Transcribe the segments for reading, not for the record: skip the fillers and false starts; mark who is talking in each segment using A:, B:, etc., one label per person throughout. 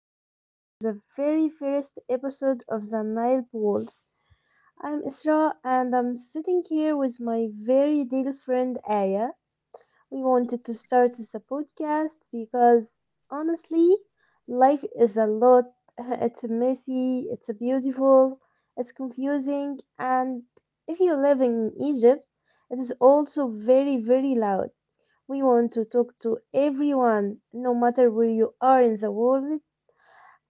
A: Welcome to the very first episode of the Nile World. I'm Isra, and I'm sitting here with my very dear friend Aya. We wanted to start this podcast because honestly, life is a lot. It's messy. It's beautiful. It's confusing, and if you live in Egypt, it is also very, very loud. We want to talk to everyone, no matter where you are in the world,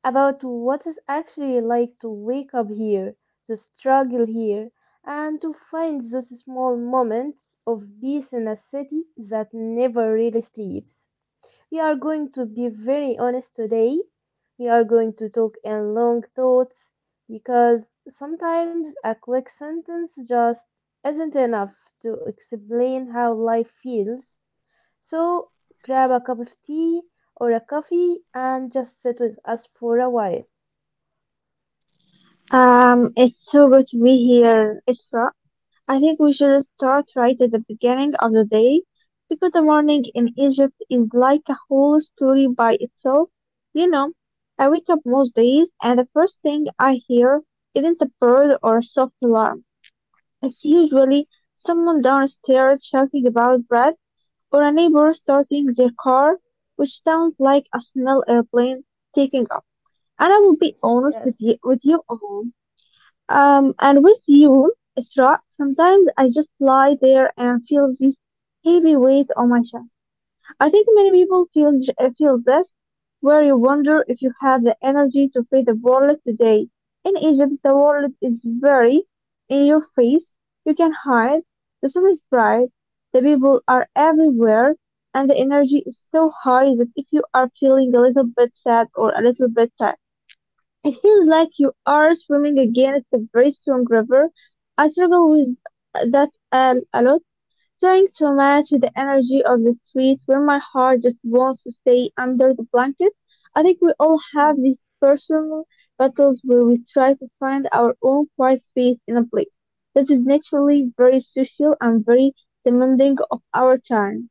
A: about what it's actually like to wake up here, to struggle here, and to find those small moments of peace in a city that never really sleeps. We are going to be very honest today. We are going to talk in long thoughts because sometimes a quick sentence just isn't enough to explain how life feels. So grab a cup of tea or a coffee and just sit with us for a while.
B: It's so good to be here, Isra. I think we should start right at the beginning of the day because the morning in Egypt is like a whole story by itself. You know, I wake up most days and the first thing I hear isn't a bird or a soft alarm. It's usually someone downstairs shouting about bread or a neighbor starting their car, which sounds like a small airplane taking off. And I will be honest with you all. And with you, Isra, sometimes I just lie there and feel this heavy weight on my chest. I think many people feel feel this, where you wonder if you have the energy to face the world today. In Egypt, the world is very in your face. You can hide. The sun is bright. The people are everywhere, and the energy is so high that if you are feeling a little bit sad or a little bit tired, it feels like you are swimming against a very strong river. I struggle with that a lot, trying to match the energy of the street where my heart just wants to stay under the blanket. I think we all have
A: Mm.
B: these personal battles where we try to find our own quiet space in a place that is naturally very social and very demanding of our time.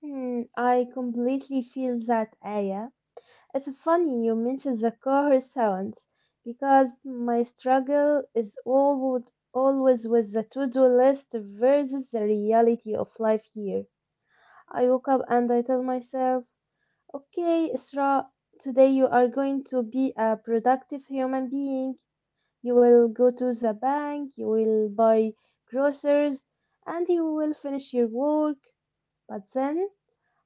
A: I completely feel that, Aya. It's funny you mentioned the car sounds because my struggle is always with the to-do list versus the reality of life here. I woke up and I tell myself, "Okay, Isra, today you are going to be a productive human being. You will go to the bank, you will buy groceries, and you will finish your work." But then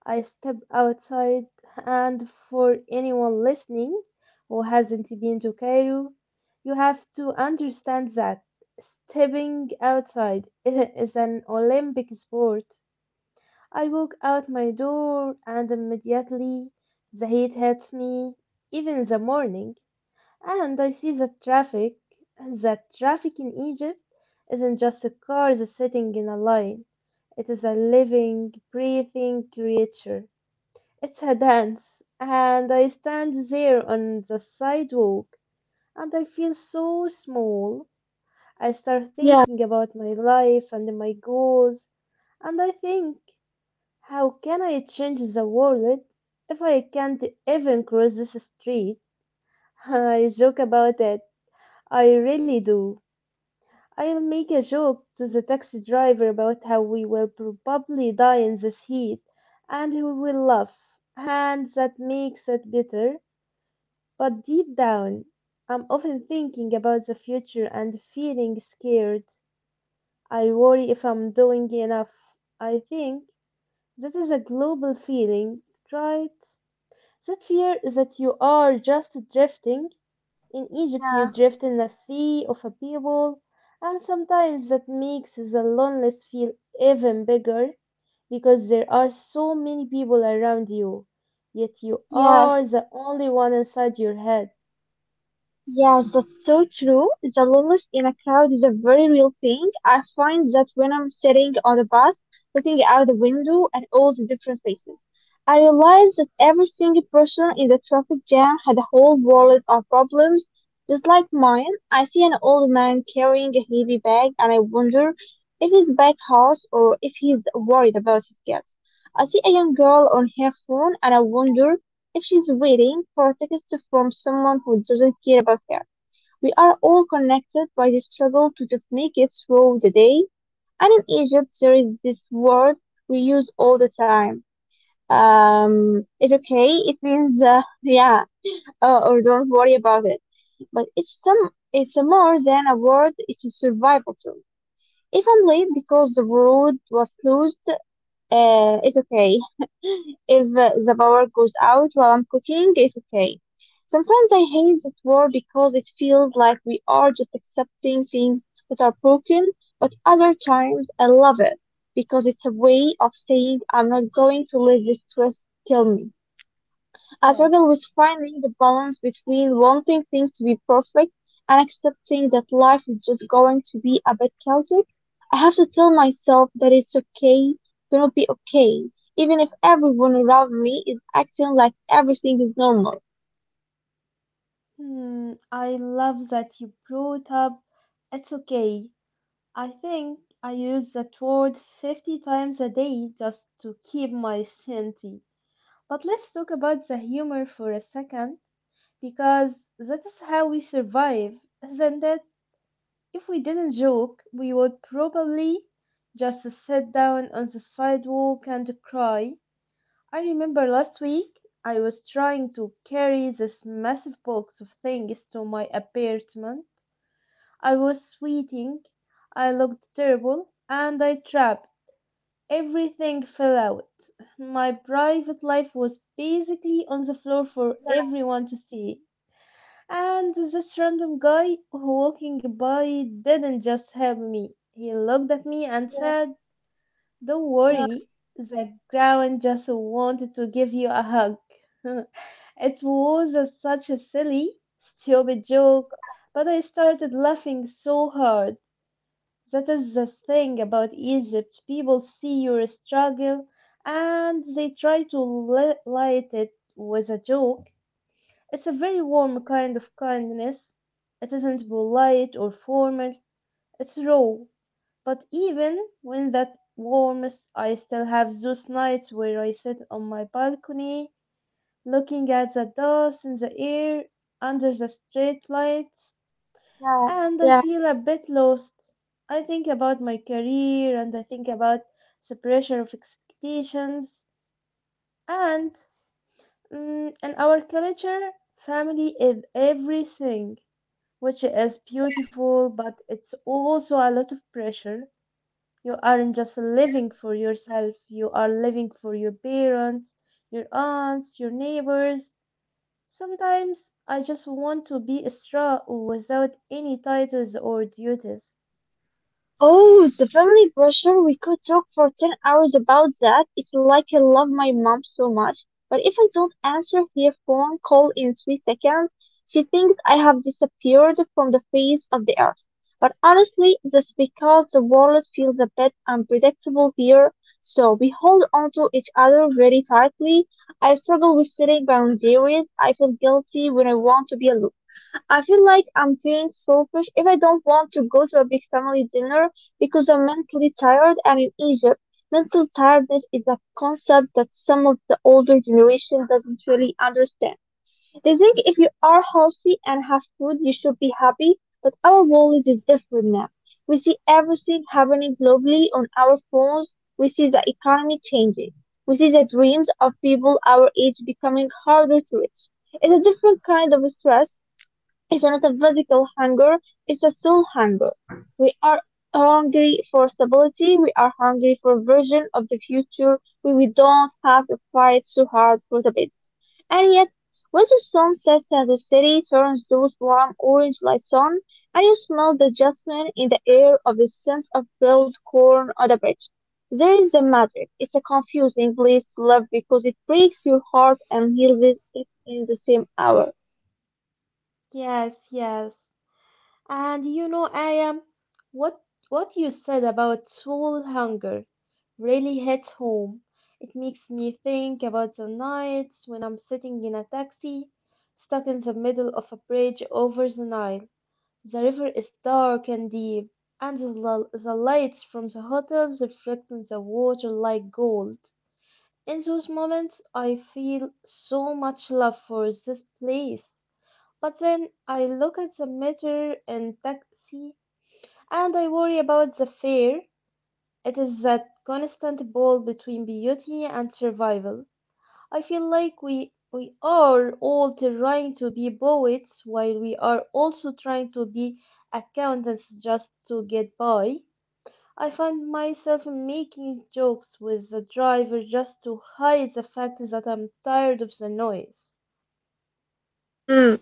A: I step outside, and for anyone listening who hasn't been to Cairo, you have to understand that stepping outside is an Olympic sport. I walk out my door, and immediately the heat hits me, even in the morning, and I see the traffic. That traffic in Egypt isn't just a car that's sitting in a line. It is a living, breathing creature. It's her dance, and I stand there on the sidewalk, and I feel so small. I start
B: Yeah.
A: thinking about my life and my goals, and I think, how can I change the world if I can't even cross this street? I joke about it, I really do. I'll make a joke to the taxi driver about how we will probably die in this heat, and he will laugh, and that makes it better. But deep down, I'm often thinking about the future and feeling scared. I worry if I'm doing enough. I think that is a global feeling, right? That fear is that you are just drifting. In Egypt, you
B: Yeah,
A: drift in a sea of a people, and sometimes that makes the loneliness feel even bigger because there are so many people around you, yet you
B: yeah.
A: are the one inside your head.
B: Yes, that's so true. The loneliness in a crowd is a very real thing. I find that when I'm sitting on a bus, looking out the window at all the different faces, I realize that every single person in the traffic jam had a whole world of problems, just like mine. I see an old man carrying a heavy bag and I wonder if he's back house or if he's worried about his kids. I see a young girl on her phone and I wonder if she's waiting for a tickets from someone who doesn't care about her. We are all connected by the struggle to just make it through the day. And in Egypt, there is this word we use all the time. It's okay. It means, yeah, or don't worry about it. But it's a more than a word. It's a survival tool. If I'm late because the road was closed, it's okay. If the power goes out while I'm cooking, it's okay. Sometimes I hate that word because it feels like we are just accepting things that are broken, but other times I love it because it's a way of saying I'm not going to let this stress kill me. I
A: Yes.
B: struggle with finding the balance between wanting things to be perfect and accepting that life is just going to be a bit chaotic. I have to tell myself that it's okay to not be okay, even if everyone around me is acting like everything is normal.
A: I love that you brought up it's okay. I think I use that word 50 times a day just to keep my sanity. But let's talk about the humor for a second, because that is how we survive, isn't it? If we didn't joke, we would probably just sit down on the sidewalk and cry. I remember last week I was trying to carry this massive box of things to my apartment. I was sweating, I looked terrible, and I trapped. Everything fell out. My private life was basically on the floor for
B: Yeah,
A: everyone to see. And this random guy walking by didn't just help me. He looked at me and
B: yeah,
A: said, "Don't
B: yeah,
A: worry, the clown just wanted to give you a hug." It was such a silly, stupid joke,
B: yeah,
A: but I started laughing so hard. That is the thing about Egypt. People see your struggle and they try to light it with a joke. It's a very warm
B: mhm,
A: kind of kindness. It isn't polite or formal, it's raw. But even when that warmth, I still have those nights where I sit on my balcony looking at the dust in the air under the street lights
B: yeah,
A: and I
B: yeah,
A: feel a bit lost. I think about my career and I think about the pressure of expectations. And in our culture, family is everything, which is
B: yeah.
A: beautiful, but it's also a lot of pressure. You aren't just
B: Mhm.
A: living for yourself, you are living for your parents, your aunts, your neighbors. Sometimes I just want to be strong without any titles or duties.
B: Oh, the family pressure. We could talk for 10 hours about that. It's like I love my mom so much, but if I don't answer her phone call in 3 seconds, she thinks I have disappeared from the face of the earth. But honestly, that's because the world feels a bit unpredictable here, so we hold on to each other very tightly. I struggle with setting boundaries. I feel guilty when I want to be alone. I feel like I'm being selfish if I don't want to go to a big family dinner because I'm mentally tired. I'm in Egypt. Mental tiredness is a concept that some of the older generation doesn't really understand. They think if you are healthy and have food, you should be happy, but our world is different now. We see everything happening globally on our phones. We see the economy changing. We see the dreams of people our age becoming harder to reach. It's a different kind of stress. It's not a physical hunger, it's a soul hunger. We are hungry for stability, we are hungry for a version of the future where we don't have to fight so hard for the bit. And yet, when the sun sets and the city turns those warm orange light sun, and you smell the jasmine in the air of the scent of grilled corn on the bridge. There is a magic. It's a confusing place to love because it breaks your heart and heals it in the same hour.
A: Yes, yes. And you know, I am what what you said about soul hunger really hits home. It makes me think about the nights when I'm sitting in a taxi, stuck in the middle of a bridge over the Nile. The river is dark and deep, and the lights from the hotels reflect on the water like gold. In those moments, I feel so much love for this place. But then I look at the meter in taxi and I worry about the fare. It is that constant ball between beauty and survival. I feel like we are all trying to be poets while we are also trying to be accountants just to get by. I find myself making jokes with the driver just to hide the fact that I'm tired of the noise.
B: Mm.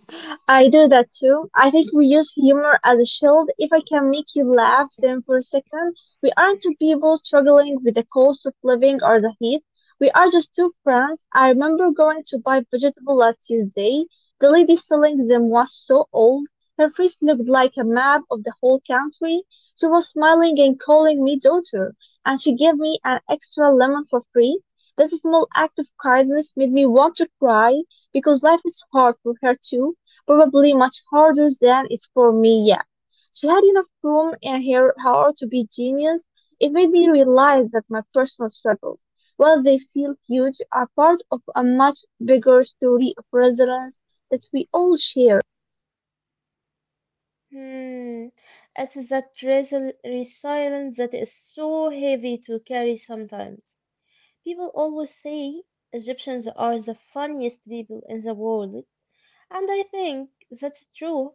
B: I do that too. I think we use humor as a shield. If I can make you laugh, then for a second, we aren't two people struggling with the cost of living or the heat. We are just two friends. I remember going to buy vegetable last Tuesday. The lady selling them was so old. Her face looked like a map of the whole country. She was smiling and calling me daughter, and she gave me an extra lemon for free. That small act of kindness made me want to cry because life is hard for her too, probably much harder than it's for me yet. She had enough room in her heart to be genius. It made me realize that my personal struggles, while they feel huge, are part of a much bigger story of resilience that we all share.
A: Hmm, it's that resilience that is so heavy to carry sometimes. People always say Egyptians are the funniest people in the world, and I think that's true,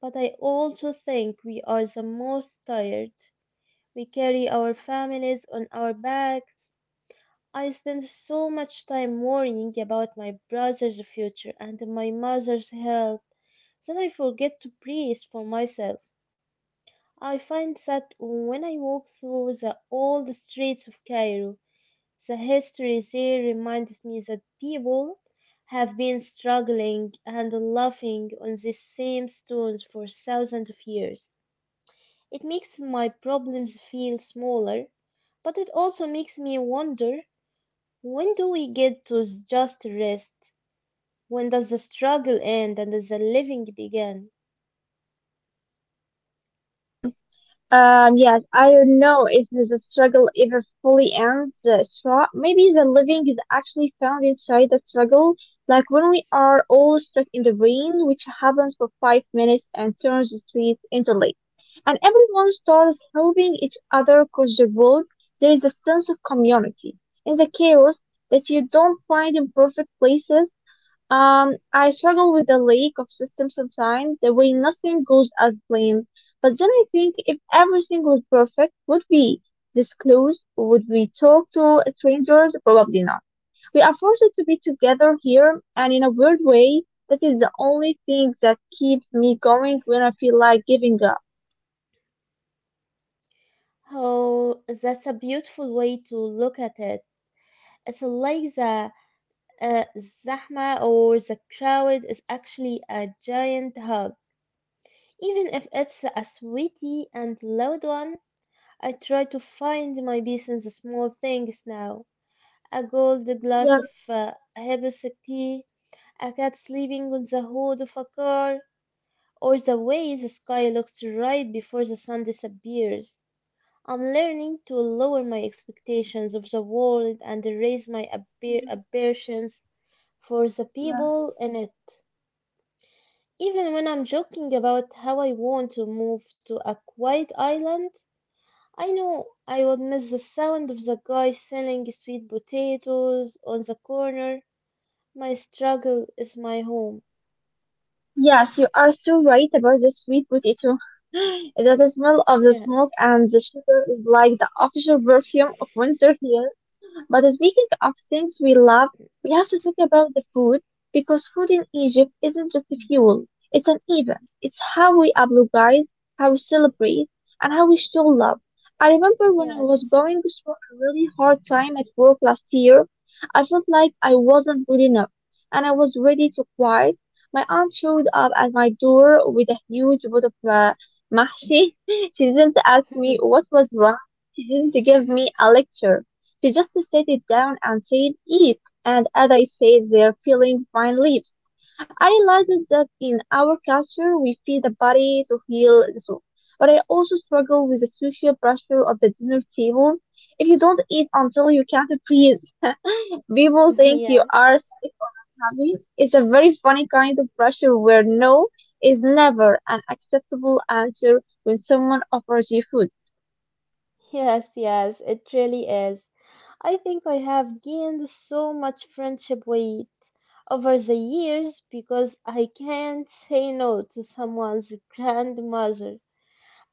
A: but I also think we are the most tired. We carry our families on our backs. I spend so much time worrying about my brother's future and my mother's health that I forget to breathe for myself. I find that when I walk through the old streets of Cairo, the history there reminds me that people have been struggling and laughing on these same stones for thousands of years. It makes my problems feel smaller, but it also makes me wonder when do we get to just rest? When does the struggle end and the living begin?
B: Yes, I don't know if the struggle ever fully ends. The maybe the living is actually found inside the struggle, like when we are all stuck in the rain, which happens for 5 minutes and turns the streets into lake. And everyone starts helping each other cross the road. There is a sense of community in the chaos that you don't find in perfect places. I struggle with the lack of system sometimes, the way nothing goes as planned. But then I think if everything was perfect, would we disclose? Would we talk to strangers? Probably not. We are forced to be together here, and in a weird way, that is the only thing that keeps me going when I feel like giving up.
A: Oh, that's a beautiful way to look at it. It's like the Uh, Zahma or the crowd is actually a giant hug. Even if it's a sweaty and loud one, I try to find my peace in the small things now. A gold glass
B: Yeah,
A: of herbs tea, a cat sleeping on the hood of a car, or the way the sky looks right before the sun disappears. I'm learning to lower my expectations of the world and raise my aspirations for the
B: yeah.
A: people in it. Even when I'm joking about how I want to move to a quiet island, I know I would miss the sound of the guy selling sweet potatoes on the corner. My struggle is my home.
B: Yes, you are so right about the sweet potato. That the smell of the
A: Yeah.
B: smoke and the sugar is like the official perfume of winter here. But speaking of things we love, we have to talk about the food because food in Egypt isn't just a fuel, it's an event. It's how we apologize, how we celebrate, and how we show love. I remember when I
A: Yes,
B: was going through a really hard time at work last year, I felt like I wasn't good enough and I was ready to quit. My aunt showed up at my door with a huge pot of mahshi. She didn't ask me what was wrong. She didn't give me a lecture. She just set it down and said, eat, and as I sat there peeling my lips, I realized that in our culture we feed the body to heal the soul. But I also struggle with the social pressure of the dinner table. If you don't eat until you can't breathe, people think you
A: yes,
B: are sick or having. It's a very funny kind of pressure where no is never an acceptable answer when someone offers you food.
A: yes, yes, it really is. I think I have gained so much friendship weight over the years because I can't say no to someone's grandmother.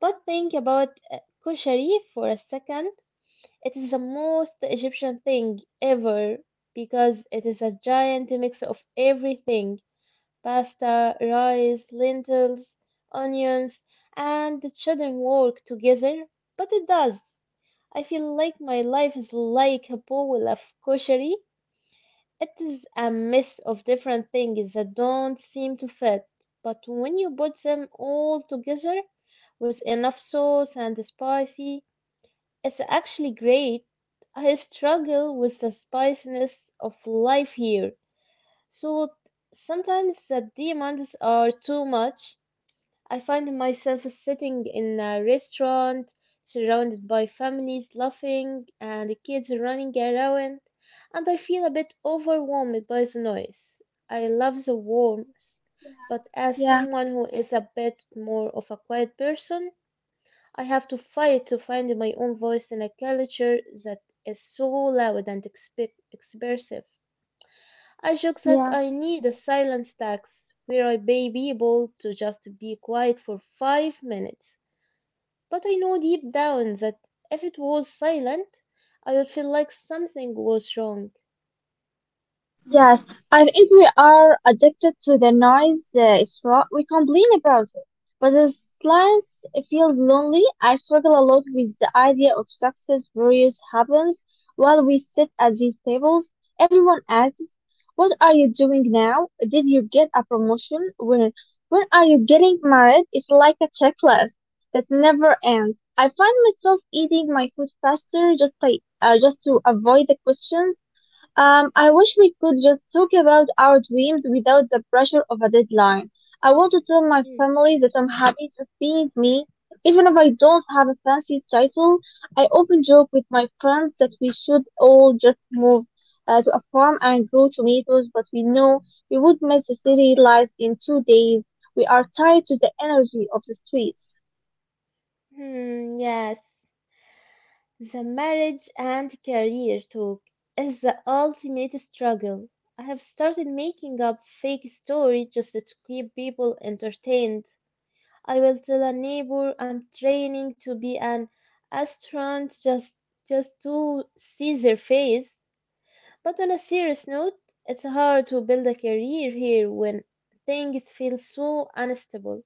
A: But think about kushari for a second. It is the most Egyptian thing ever because it is a giant mix of everything, pasta, rice, lentils, onions, and it shouldn't work together, but it does. I feel like my life is like a bowl of kushari. It is a mess of different things that don't seem to fit, but when you put them all together with enough sauce and spicy, it's actually great. I struggle with the spiciness of life here, so sometimes the demands are too much. I find myself sitting in a restaurant surrounded by families laughing and kids running around, and I feel a bit overwhelmed by the noise. I love the warmth, but as
B: Yeah,
A: someone who is a bit more of a quiet person, I have to fight to find my own voice in a culture that is so loud and expressive. I joke that
B: yeah.
A: I need a silence tax where I pay people to just be quiet for 5 minutes. But I know deep down that if it was silent, I would feel like something was wrong.
B: Yes, I think we are addicted to the noise. It's what we complain about it. But the silence feels lonely. I struggle a lot with the idea of success various happens while we sit at these tables. Everyone asks, "What are you doing now? Did you get a promotion? When are you getting married?" It's like a checklist that never ends. I find myself eating my food faster just to avoid the questions. I wish we could just talk about our dreams without the pressure of a deadline. I want to tell my
A: Hmm,
B: family that I'm happy just being me, even if I don't have a fancy title. I often joke with my friends that we should all just move to a farm and grow tomatoes, but we know we would miss the city life in 2 days. We are tied to the energy of the streets.
A: Yes. The marriage and career talk is the ultimate struggle. I have started making up fake stories just to keep people entertained. I will tell a neighbor I'm training to be an astronaut just to see their face. But on a serious note, it's hard to build a career here when things feel so unstable.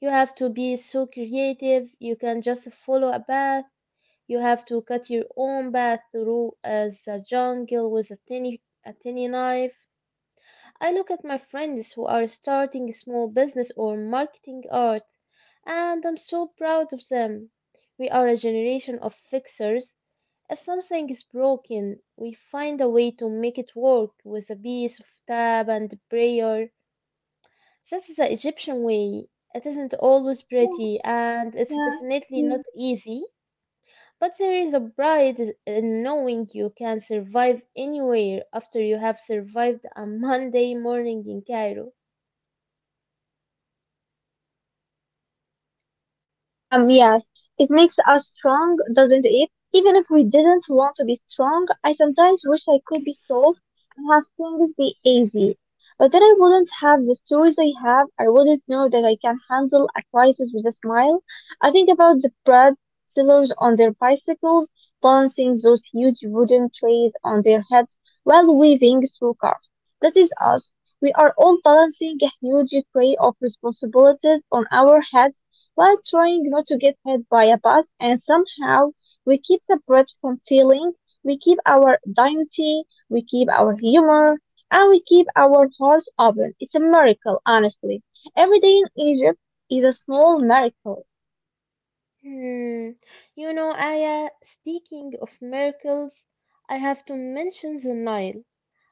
A: You have to be so creative. You can just follow a path. You have to cut your own path through as a jungle with a tiny knife. I look at my friends who are starting small business or marketing art, and I'm so proud of them. We are a generation of fixers. If something is broken, we find a way to make it work with a piece of tab and prayer. This is the Egyptian way. It isn't always pretty and it's definitely
B: Yeah.
A: not easy, but there is a pride in knowing you can survive anywhere after you have survived a Monday morning in Cairo.
B: Yes, it makes us strong, doesn't it? Even if we didn't want to be strong, I sometimes wish I could be soft and have things be easy. But then I wouldn't have the stories I have. I wouldn't know that I can handle a crisis with a smile. I think about the bread sellers on their bicycles, balancing those huge wooden trays on their heads while weaving through cars. That is us. We are all balancing a huge tray of responsibilities on our heads like trying not to get hit by a bus, and somehow we keep the breath from failing. We keep our dignity, we keep our humor, and we keep our hearts open. It's a miracle, honestly. Every day in Egypt is a small miracle.
A: Hmm. You know, Aya, speaking of miracles, I have to mention the Nile.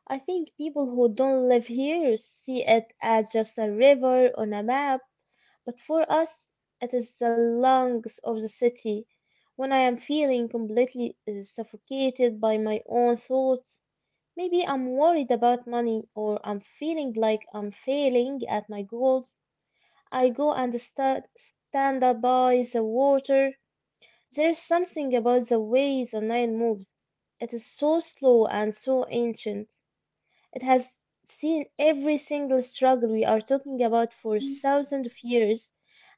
A: I think people who don't live here see it as just a river on a map, but for us, it is the lungs of the city. When I am feeling completely suffocated by my own thoughts, maybe I'm worried about money or I'm feeling like I'm failing at my goals. I go and stand up by the water. There's something about the way the Nile moves. It is so slow and so ancient. It has seen every single struggle we are talking about for thousands of years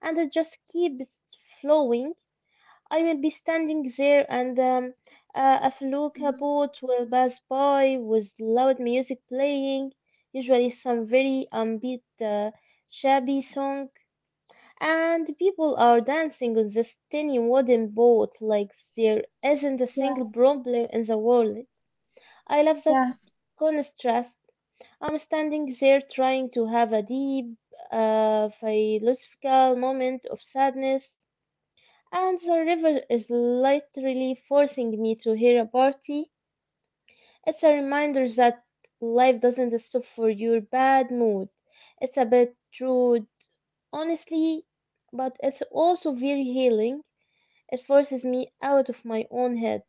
A: and it just keeps flowing. I will be standing there, and a felucca boat will pass by with loud music playing, usually some very upbeat, shabby song, and people are dancing on this tiny wooden boat like there isn't a
B: Yeah,
A: single problem in the world. I love that
B: yeah.
A: contrast. I'm standing there trying to have a deep, philosophical moment of sadness and the river is literally forcing me to hear a party. It's a reminder that life doesn't stop for your bad mood. It's a bit rude, honestly, but it's also very healing. It forces me out of my own head.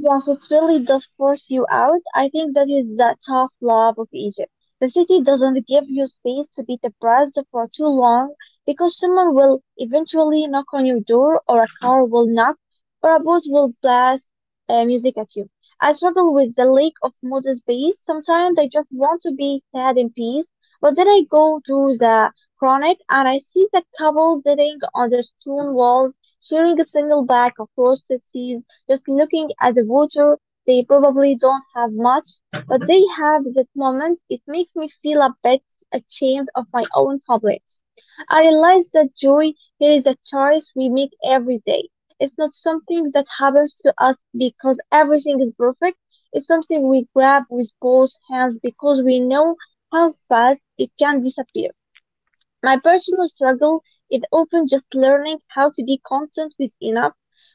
B: Yes, it really does force you out. I think that is the tough love of Egypt. The city doesn't give you space to be depressed for too long because someone will eventually knock on your door, or a car will knock, or a boat will blast music at you. I struggle with the lack of motor space. Sometimes I just want to be sad in peace, but then I go to the chronic and I see the couples sitting on the stone walls, sharing a single bag of roasted seeds just looking at the water, they probably don't have much, but they have that moment. It makes me feel a bit ashamed of my own complex. I realize that joy here is a choice we make every day. It's not something that happens to us because everything is perfect. It's something we grab with both hands because we know how fast it can disappear. My personal struggle is often just learning how to be content with enough.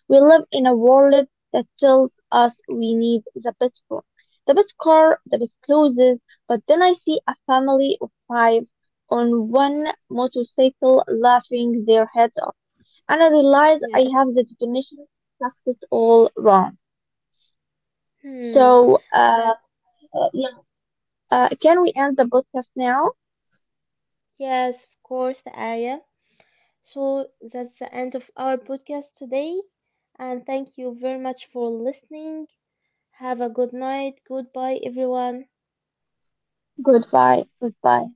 B: We live in a world that tells us we need the best phone, the best car, the best clothes, but then I see a family of five on one motorcycle laughing their heads off, and I realize I
A: Yes.
B: have the definition of success all wrong.
A: Hmm.
B: So, uh,
A: The,
B: yeah, can we end the podcast now?
A: yes, of course, Aya. So that's the end of our podcast today. And thank you very much for listening. Have a good night. Goodbye, everyone.
B: Goodbye, goodbye.